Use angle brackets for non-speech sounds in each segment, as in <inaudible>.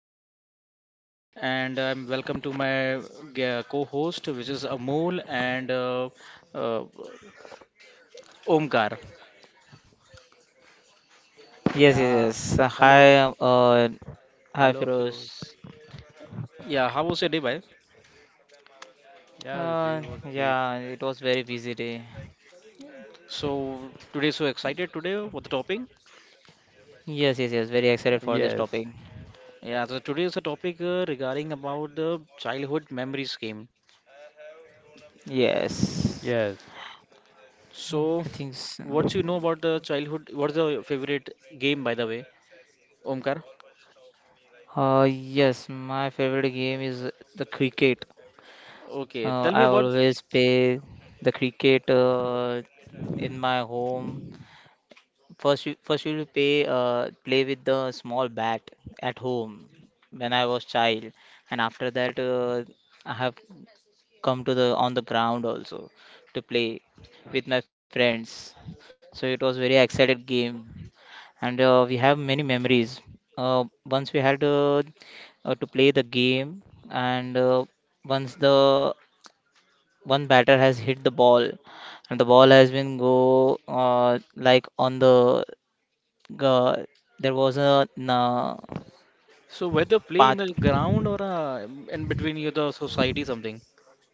and I'm welcome to my co-host, which is Amol and uh, Omkar. Yes, yes, Yeah. yes. Hello. Hi, um, uh, Hello, hi, Firoz. Firoz. Yeah, how was your day, bhai? Yeah, the day was great. Yeah, it was very busy day. So today, so excited today for the topic. Yes, yes, yes. Very excited for this Yes. topic. Yeah, so today is the topic regarding about the childhood memories game. Yes, Yes. I So, think so. what you know about the childhood? What's the favorite game, by the way, Omkar? Yes, my favorite game is the cricket. Okay, tell me I about. always play the cricket in my home. First, you will play with the small bat at home when I was child, and after that I have come to the on the ground also to play with my friends. So it was very excited game, and we have many memories. Once we had to play the game, and once the one batter has hit the ball, and the ball has been go like on the uh, there was a So whether play in path. the ground or in between you the society something.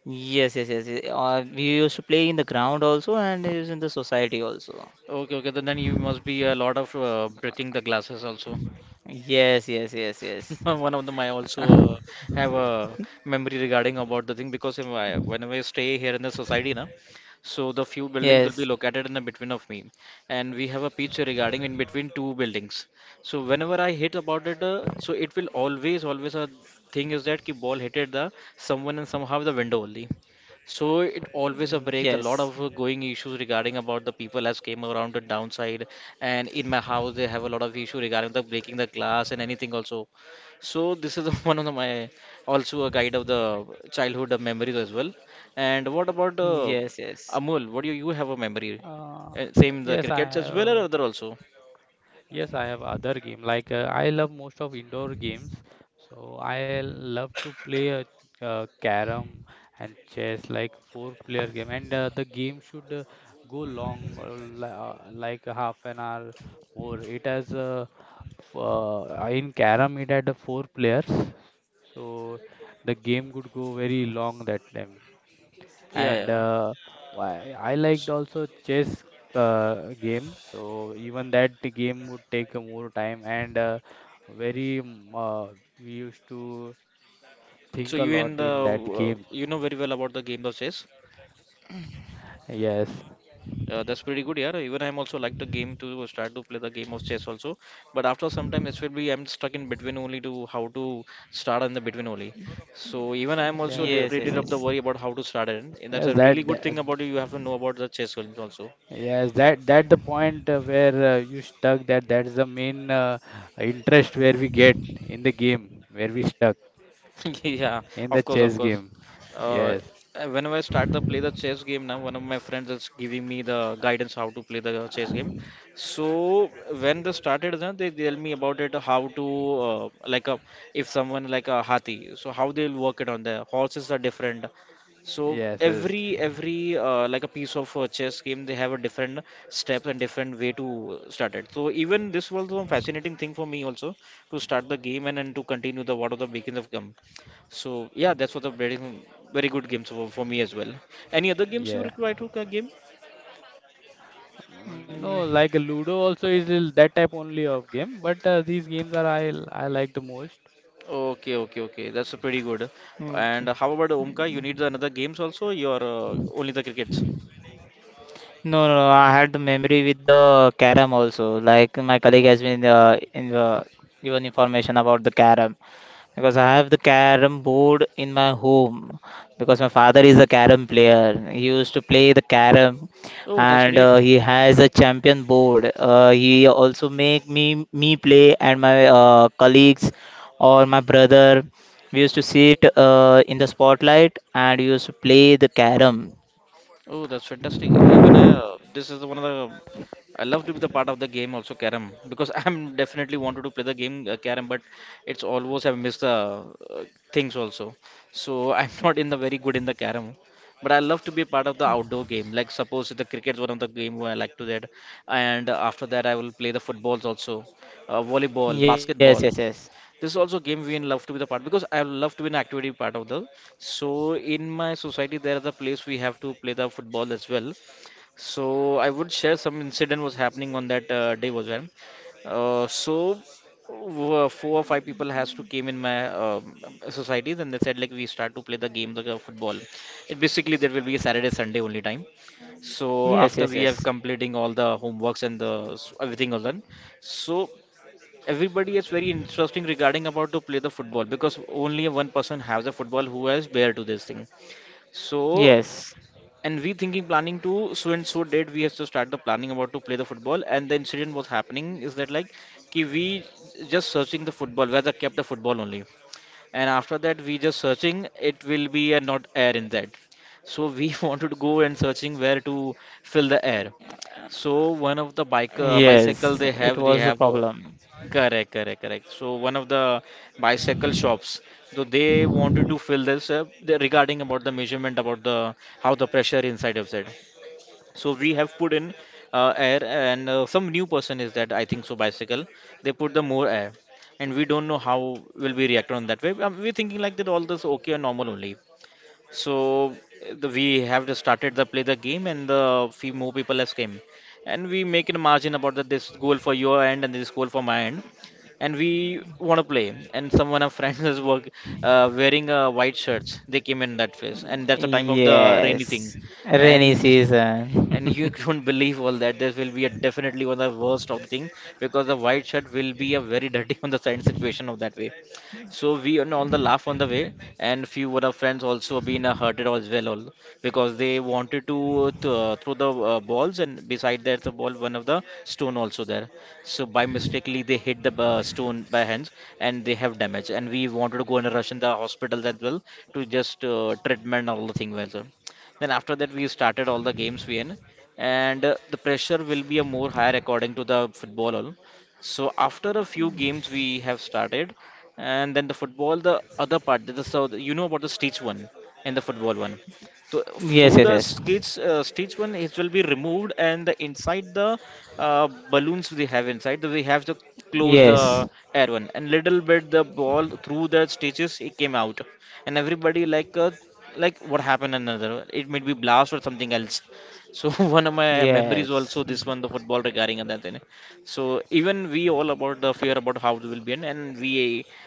Yes, yes, yes, yes. We used to play in the ground also, and it was in the society also. Okay, okay. Then you must be a lot of breaking the glasses also. Yes, yes, yes, yes. <laughs> One of them I <laughs> also have a memory regarding about the thing because if I, whenever I stay here in the society, na, so the few buildings will be Yes. located in the between of me, and we have a pitch regarding in between two buildings. So whenever I hit about it, so it will always a thing is that ki ball hitted the someone and somehow the window only. So it always a break. Yes. A lot of going issues regarding about the people has came around the downside, and in my house they have a lot of issue regarding the breaking the glass and anything also. So this is <laughs> one of the, my also a guide of the childhood memories as well. And what about Yes, yes. Amul? What do you have a memory? Uh, Same the yes, I crickets as well or have. other also? Yes, I have other game. I love most of indoor games, so I love to play carom and chess, like four-player game. And the game should go long, like half an hour more. It has in carom it had four players. So the game could go very long that time. Yeah, And yeah. Why I liked also chess game. So even that game would take a more time and very mm, uh, we used to think a lot So in you that in the game. You know very well about the game of chess. Yes. That's pretty good, yeah. Even I'm also like the game to start to play the game of chess also, but after some time it will be I'm stuck in between only to how to start in the between only. So even I'm also Yeah. Yes, yes, reading yes. up the worry about how to start it, and Yes, that's a that, really good that thing about you. You have to know about the chess games also. yes, that that the point where you stuck, that that's the main interest where we get in the game where we stuck <laughs> Yeah, in the of course, of chess course. game. Uh, Yes. Whenever I start the play the chess game now, one of my friends is giving me the guidance how to play the chess game. So when they started, then they tell me about it how to like a if someone like a hathi, so how they'll work it on the horses are different. So Yes, yes, every like a piece of chess game, they have a different steps and different way to start it. So even this was a fascinating thing for me also to start the game and to continue the what are the beginnings of game. So yeah, that's what a very very good game for me as well. Any other games you require yeah. to game? Mm, No, like Ludo also is that type only of game, but these games are I I like the most. Okay, okay, okay. That's a pretty good. mm. And how about Omka? You need the another games also? Your only the crickets? No, no, no. I had the memory with the carom also. Like my colleague has been in the given information about the carom. Because I have the carom board in my home because my father is a carom player. He used to play the carom Oh, that's and great. He has a champion board. He also make me play and my colleagues or my brother. We used to sit in the spotlight and used to play the carom. Oh, that's fantastic. Yeah, even this is one of the I love to be the part of the game also carom because <laughs> I'm definitely wanted to play the game carom but it's always I miss the uh, things also. So I'm <laughs> not in the very good in the carom. But I love to be part of the outdoor game. Like suppose the cricket's one of the game where I like to that, and after that I will play the footballs also, volleyball, Yes, yes, basketball yes. this is also a game we love to be the part because I love to be an activity part of the. So in my society there is a place we have to play the football as well. So I would share some incident was happening on that day as well. Uh, so Four or five people has to came in my society then they said like we start to play the game the football. It basically there will be a Saturday Sunday only time. So after we Yes, have yes, yes. completing all the homeworks and the everything all done. So everybody is very interesting regarding about to play the football because only one person has the football who has bear to this thing so Yes. and we thinking planning to so and so date we have to start the planning about to play the football and the incident was happening is that like ki we just searching the football whether kept the football only and after that we just searching it will be a not air in that so we <laughs> wanted to go and searching where to fill the air so one of the bike bicycle Yes, they it have, they was the have problem. Correct, correct, correct. So one of the bicycle shops, so they wanted to fill this up regarding about the measurement about the how the pressure inside of that. So we have put in air and some new person is that I think so bicycle. They put the more air, and we don't know how will we react on that way. We're thinking like that all this okay and normal only. So we have just started the play the game, and the few more people has came, and we make a margin about that this goal for your end and this goal for my end, and we want to play. And someone of friends <laughs> wearing white shirts. They came in that phase, and that's the time of the rainy thing, Yes. Rainy and. <laughs> season. And you <laughs> don't believe all that. This will be a definitely one of the worst of the thing because the white shirt will be a very dirty <laughs> on the side situation of that way. So we and all the laugh on the way, and few of our friends also been hurted as well, all because they wanted to throw the balls, and beside that the ball, one of the stone also there. So by mistakenly they hit the stone by hands, and they have damage. And we wanted to go and rush in the hospital as well to just treatment and all the thing well. Sir. Then after that we started all the games we in, and the pressure will be a more higher according to the football all. So after a few games we have started and then the football the other part the, so you know about the stitch one and the football one so Yes, through yes, the yes. stitch, stage one it will be removed and the inside the balloons we have inside we have to close Yes. the air one and little bit the ball through the stitches, it came out and everybody like what happened another it might be blast or something else so <laughs> one of my memories Yes. also this Mhm. one the football regarding and that thing so even we all about the fear about how it will be and we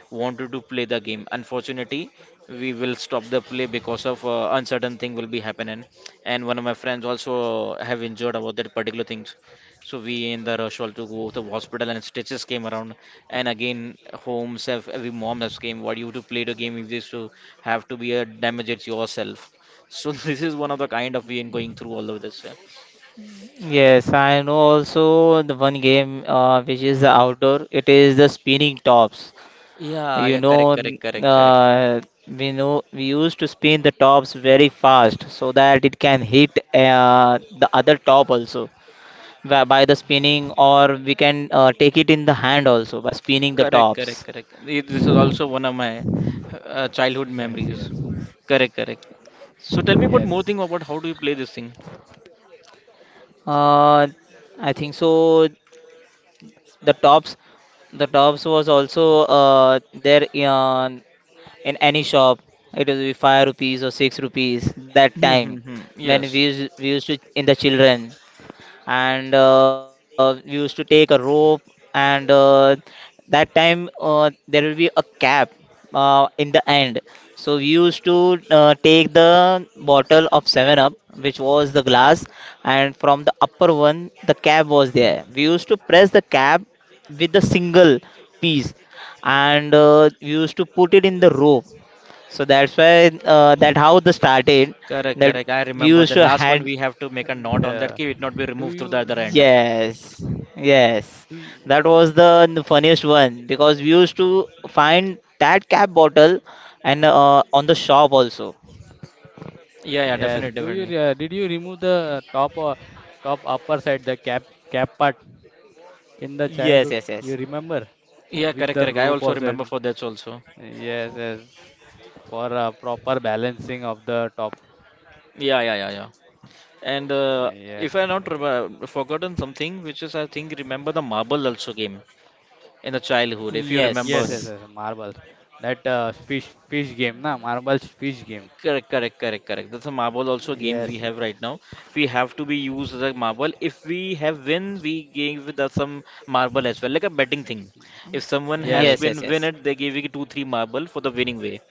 wanted to play the game. Unfortunately, we will stop the play because of uncertain thing will be happening. And one of my friends also have injured about that particular things. So we in the rush all to go to the hospital and stitches came around. And again, homes have every mom has came. What you to play the game if this to have to be a damage it yourself. So <laughs> this is one of the kind of we in going through all of this. Yeah, Yes, I know also the one game which is the outdoor. It is the spinning tops. yeah, You yeah, know, correct, n- correct, correct, correct. uh, we know we used to spin the tops very fast so that it can hit the other top also by the spinning, or we can take it in the hand also by spinning the Correct, correct, tops. correct. This is also one of my childhood Yes, memories. yes, Correct, correct. So tell me about more yes. thing about how do you play this thing? Uh, I think so. The tops, the tops was also there in any shop. It will be 5 rupees or 6 rupees that Hmm, time hmm, hmm. when we Yes. used, we used to in the children, and we used to take a rope, and that time there will be a cap in the end, so we used to take the bottle of 7 up, which was the glass, and from the upper one the cap was there, we used to press the cap with a single piece, and we used to put it in the rope, so that's why that how the started Correct, that correct. I we remember used the to last one had. we have to make a And knot on that key, it not be do removed through the you? other uh, end. yeah. Yes, yes. Do you, That was the funniest one because we used to find that cap bottle and on the shop also. Yeah, yeah, yes. definitely, Do you? definitely. Did you remove the top top upper side, the cap part in the Yes, childhood? yes, yes. You remember? Yeah, With correct, the correct. I rope also or remember something? for that also. Yes, yes. For proper balancing of the top. Yeah, yeah, yeah, yeah. And Yeah. if I not forgotten something, which is I think remember the marble also game in the childhood, if you Yes, remember. yes, Yes. yes, marbles. That uh, fish game, na? Marbles fish game. Correct, correct, correct, correct. That's a marble also game we Yes, have right now. We have to be used as a marble. If we have win, we give with us some marble as well, like a betting thing. If someone has Yes, yes, yes, win yes. it, they give you two, three marble for the winning way.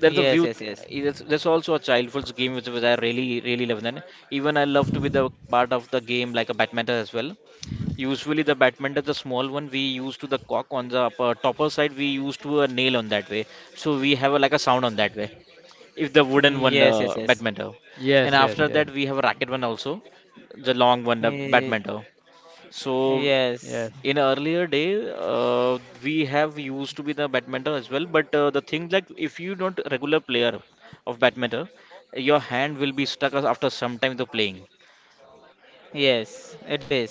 There's a Yes, view. yes, yes. That's also a childhood's game which I really, really love. Then even I love to be the part of the game like a badminton as well. Usually the badminton, the small one, we use to the cock on the upper, topper side. We use to a nail on that way. So we have a, like a sound on that way if the wooden one Yes, yes, yes. badminton. And yes, yes, after yes, that we have a racket one also, the long one the Ye- badminton. So Yes. yes. in earlier day, we have used to be the badminton as well, but the thing that if you not regular player of badminton, your hand will be stuck after some time the playing. Yes, it is.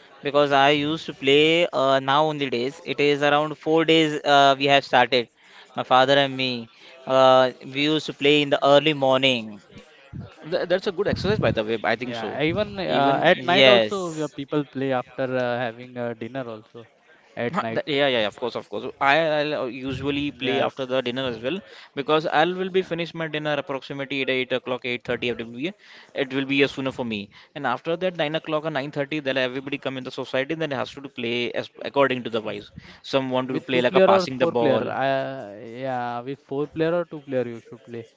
Because I used to play now only days. It is around 4 days we have started. My father and me. We used to play in the early morning. That's a good exercise by the way, I Yeah, think so, even at even. night also Yes. People play after having dinner also at Huh, night. Yeah, yeah, yeah, of course, of course. I'll usually play after Yes, the dinner as well, because I will be finished my dinner approximately at 8 o'clock, 8:30 will be. It will be sooner for me. And after that, 9 o'clock or 9:30, then everybody come in the society, then has to do play as according to the wise. Some want to with two play like a player or passing the four player. ball. Yeah, with four player or two player you should play.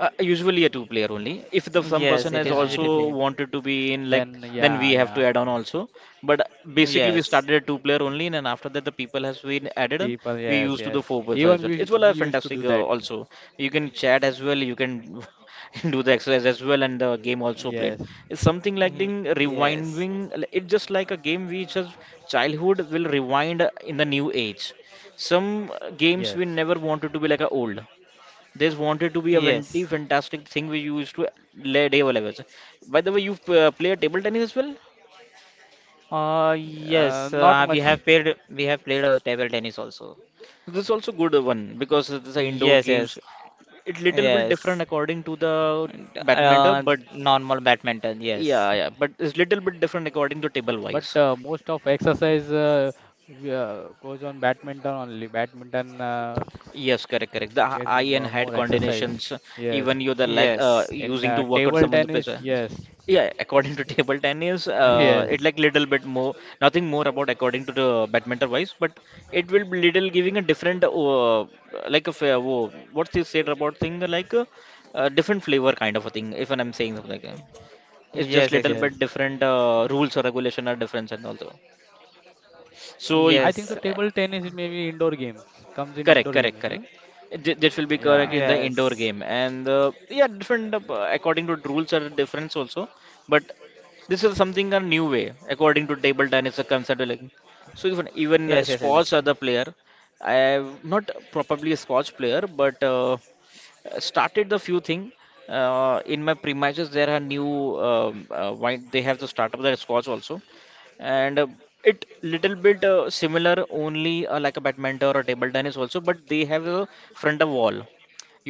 Usually a two player only. If the some Yes, person it has is usually Yeah. also play. wanted to be in like, Then then yeah, we have yeah. to add on also. But basically we Yes. started a two player only, and then after that the people has been added on. People, We yes, used to yes. the four people Even as well. we It's well we a used to do fantastic that. also. You can chat as well. You can <laughs> do the exercise as well and the game also played. Yes. It's something like the Yes. rewinding. Like, it's just like a game which as childhood will rewind in the new age. Some Yes, games we never wanted to be like a old, this wanted to be a Yes. very fantastic thing we used to lay table levels. By the way, you play table tennis as well? Yes, not we much, have played table tennis also. This is also good one because these are indoor Yes, games. yes. It little bit Yes. different according to the And badminton, but normal badminton, yes. yeah, yeah, but it's little bit different according to table but wise. Most of exercise goes on badminton only. Badminton Yes, correct, correct. The gets eye and head more exercise. coordinations, Yes, even you the leg Yes. in using to work out table someone the place. tennis, Uh, yes, yeah, according to <laughs> Y- table tennis, <laughs> it yes, like little bit more, nothing more about according to the badminton wise, but it will be little giving a different, like a fair, what's this said about thing like a, uh, different flavor kind of a thing. If I'm saying something like that, it's just Yes, yes, little yes. bit yes. different rules or regulation are different and also. I So think Yes. it, so. Table tennis is maybe indoor games comes in correct, indoor games correct, only, no? correct. This will be correct Yeah, in the indoor Yes. game, and yeah, different according to the rules are difference also. But this is something a new way according to table tennis are considered. Like, so even Yes, yes, Scots yes. are the player. I am not probably a Scotch player, but started the few thing in my premises there are new wine they have the startup that is scotch also, and it little bit similar only like a badminton or table tennis also, but they have a front of wall,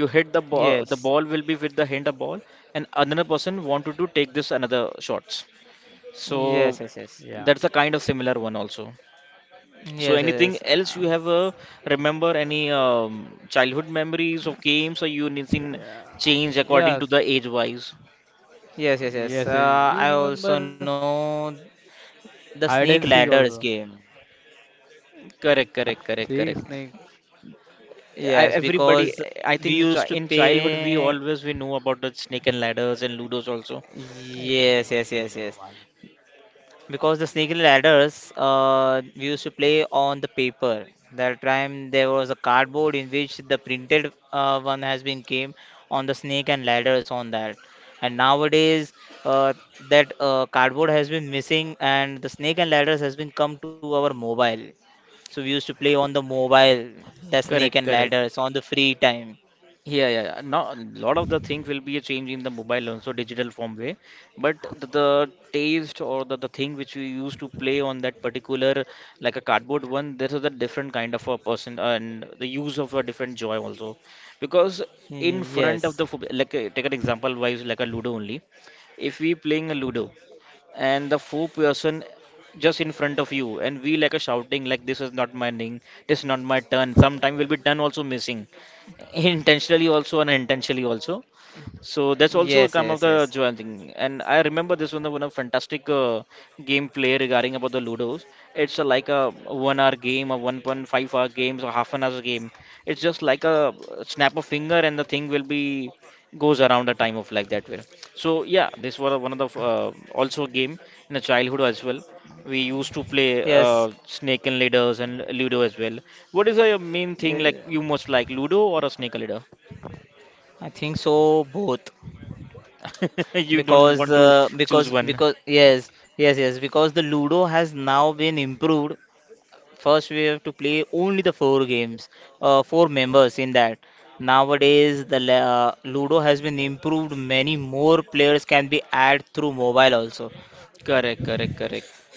you hit the ball, the Yes. ball will be with the hand of ball, and another person wanted to take this another shots, so Yes, yes, yes. yeah, that's a kind of similar one also. So Yes, anything yes, yes. else you have remember any childhood memories of games or you anything yeah, change according to the yes, age wise? Yes, yes, yes. yes. Yes. I You also remember know. The hide and snake seek also. ladders game. Correct, correct, correct, Seek, correct. snake. I, Yes, everybody, because I we think used to in childhood we play. always we know about the snake and ladders and ludos also. I can't. Yes, yes, yes, yes. Because the snake ladders, we used to play on the paper. That time there was a cardboard in which the printed one has been came on the snake and ladders on that. And nowadays, uh, that cardboard has been missing, and the snake and ladders has been come to our mobile. So we used to play on the mobile, the snake Correct, and correct. ladders on the free time. Yeah, yeah, yeah. Now, a lot of the thing will be a change in the mobile also digital form way, but the taste or the thing which we used to play on that particular like a cardboard one, this is a different kind of a person and the use of a different joy also, because in front of the Yes, like take an example wise like a Ludo only, if we playing a Ludo and the four-person just in front of you and we like a shouting like this is not my name, this is not my turn, sometime will be turn also missing <laughs> intentionally also and unintentionally also, so that's also yes, a yes, come of yes, the Joan thing. And I remember this one, the one of fantastic gameplay regarding about the Ludos. It's a, like a 1 hour game, a 1.5-hour game, or half an hour game. It's just like a snap of finger and the thing will be goes around the time of like that way. So yeah, this was one of the also a game in the childhood as well. We used to play yes. Snake and Ladders and Ludo as well. What is the main thing Yeah, like you most like Ludo or a Snake and Ladder? I think so both <laughs> You don't because want to uh, choose because one. because yes, yes, yes, because the Ludo has now been improved. First, we have to play only the four games, four members in that. Nowadays, the Ludo has been improved. Many more players can be added through mobile also. Correct, correct, correct.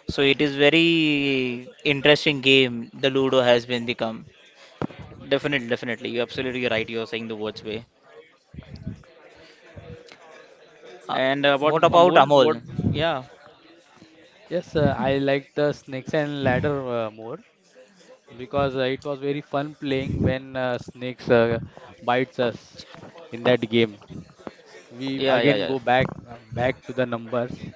So it is very interesting game. The Ludo has been become. Definitely, definitely. You're absolutely right. You're saying the words way. Uh, And what what about Amol, Amol? what? Yeah, Yes, I like the snakes and ladder more because it was very fun playing when snakes bites us in that game. We yeah, yeah, again yeah. go back to the numbers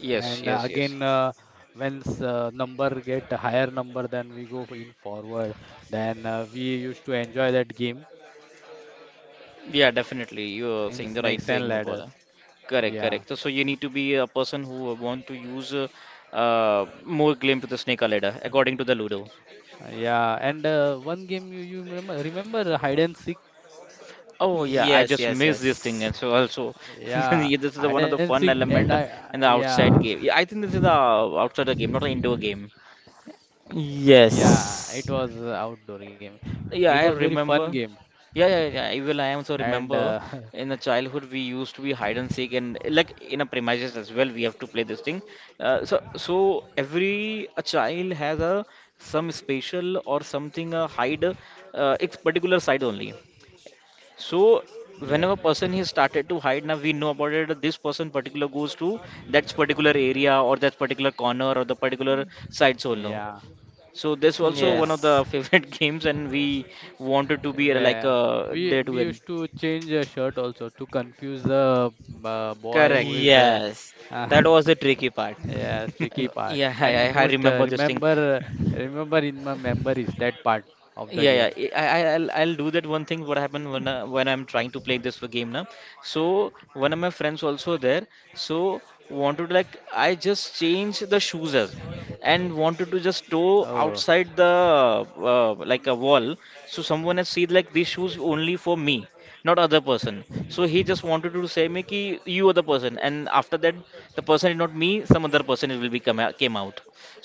Yes, and yes, yes. again when number get a higher number, then we go for in forward. Then we used to enjoy that game Yeah, definitely. You're in saying the right snakes and thing about ladders. that. Correct, Yeah, correct. So, so you need to be a person who want to use more claim to the snake or ladder, according to the Ludo. yeah. And one game you you remember hide and seek? Oh yeah, I Yes, just yes, miss this thing, yes. and so also <laughs> Yeah, yeah, this is the hide one of the and fun seek and element I in the yeah. outside game. Yeah, I think this is the outside the game, not an indoor game. Yeah, Yes. it was a outdoor game. It Yeah, was I very fun remember. game Yeah, yeah, yeah. Even I also and remember in the <laughs> childhood we used to be hide and seek, and like in a premises as well, we have to play this thing. So, so every a child has a some special or something a hide, it's particular side only. So yes, whenever person he started to hide now we know about it this person particular goes to that particular area or that particular corner or the particular sites also. yeah, So this also one yeah. of Yes. the <laughs> favorite games and we wanted to be like Where we there to we win. used to change a shirt also to confuse the boy Correct. who is Yes. That was the tricky part. yeah <laughs> <laughs> tricky part. Yeah, <laughs> I, I And I most remember this thing. remember remember in my memories that part of the Yeah, game. yeah. I'll do that one thing. What happened when I'm trying to play this game now? So one of my friends also there. So wanted like I just changed the shoes as and wanted to just toe Oh, <laughs> outside the like a wall. So someone has seen like these shoes only for me, not other person. So he just wanted to say me ki you are the person. And after that, the person is not me. Some other person will be come out, came out.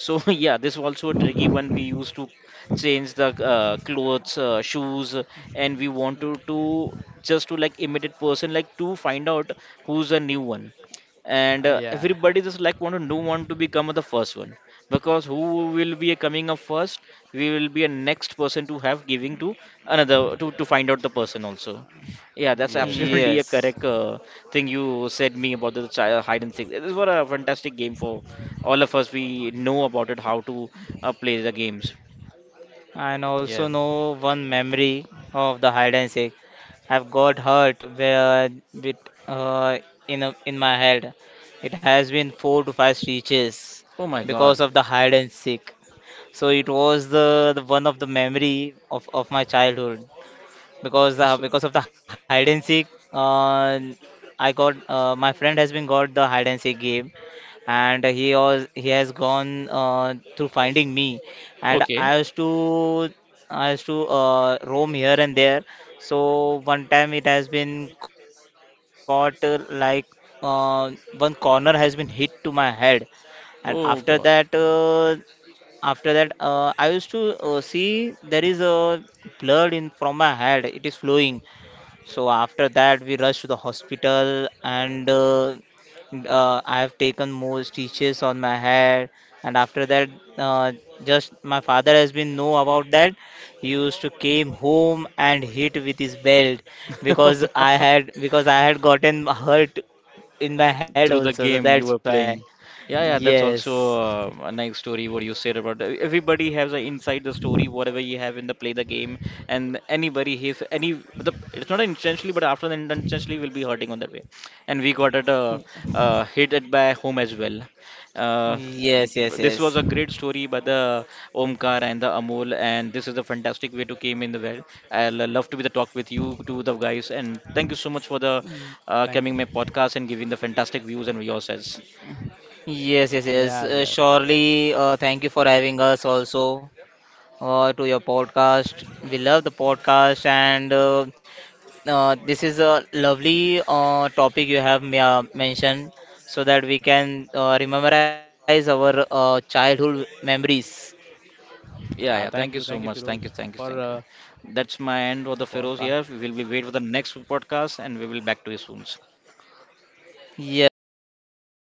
So <laughs> yeah, this is also a tricky one we used to change the clothes, shoes, and we want to just to like imitate person like to find out who's a new one, and yeah, everybody just like want to know, want to become the first one, because who will be coming up first, we will be a next person to have giving to another to find out the person also. Yeah, that's <laughs> yes, yes, absolutely a Yes. correct thing you said me about the child hide and seek, this was a fantastic game for all of us, we know about it how to play the games. And also yes. know one memory of the hide and seek. I've got hurt where bit, uh, in my head. It has been 4 to 5 stitches Oh my because God. of the hide and seek. So it was the one of the memory of my childhood. because uh, So, because of the hide and seek, I got, my friend has been got the hide and seek game, and he has gone through finding me, and i okay. used to i used to uh, roam here and there. So one time it has been caught like uh, one corner has been hit to my head, and after that Oh God. uh, after that, uh, I used to see there is a blood in from my head. It is flowing. So after that, we rushed to the hospital, and I have taken more stitches on my head. And after that, uh, just my father has been know about that. He used to came home and hit with his belt because <laughs> I had gotten hurt in my head Through the also. So game that's you were why. playing. Yeah, yeah, that's Yes. also a nice story what you said about that. Everybody has an inside the story whatever you have in the play the game, and anybody has any the, it's not intentionally but after the intentionally will be hurting on that way and we got it hit it by home as well. Uh, Yes, yes, this was yes. a great story by the Omkar and the Amol, and this is a fantastic way to came in the well. I'll love to be the talk with you to the guys, and thank you so much for the Y- coming Thank my podcast and giving the fantastic views and yourselves. Yes, yes, yes. yes, yes. Surely, thank you for having us also to your podcast. We love the podcast, and this is a lovely topic you have mentioned so that we can memorize our childhood memories. Yeah, Yeah, yeah. thank you, Thank you so Firoz, much. Thank you, for thank you, thank you. That's my the end of the Feroz podcast here. We will be wait for the next podcast and we will back to you soon. Yes, thank you, Firoz.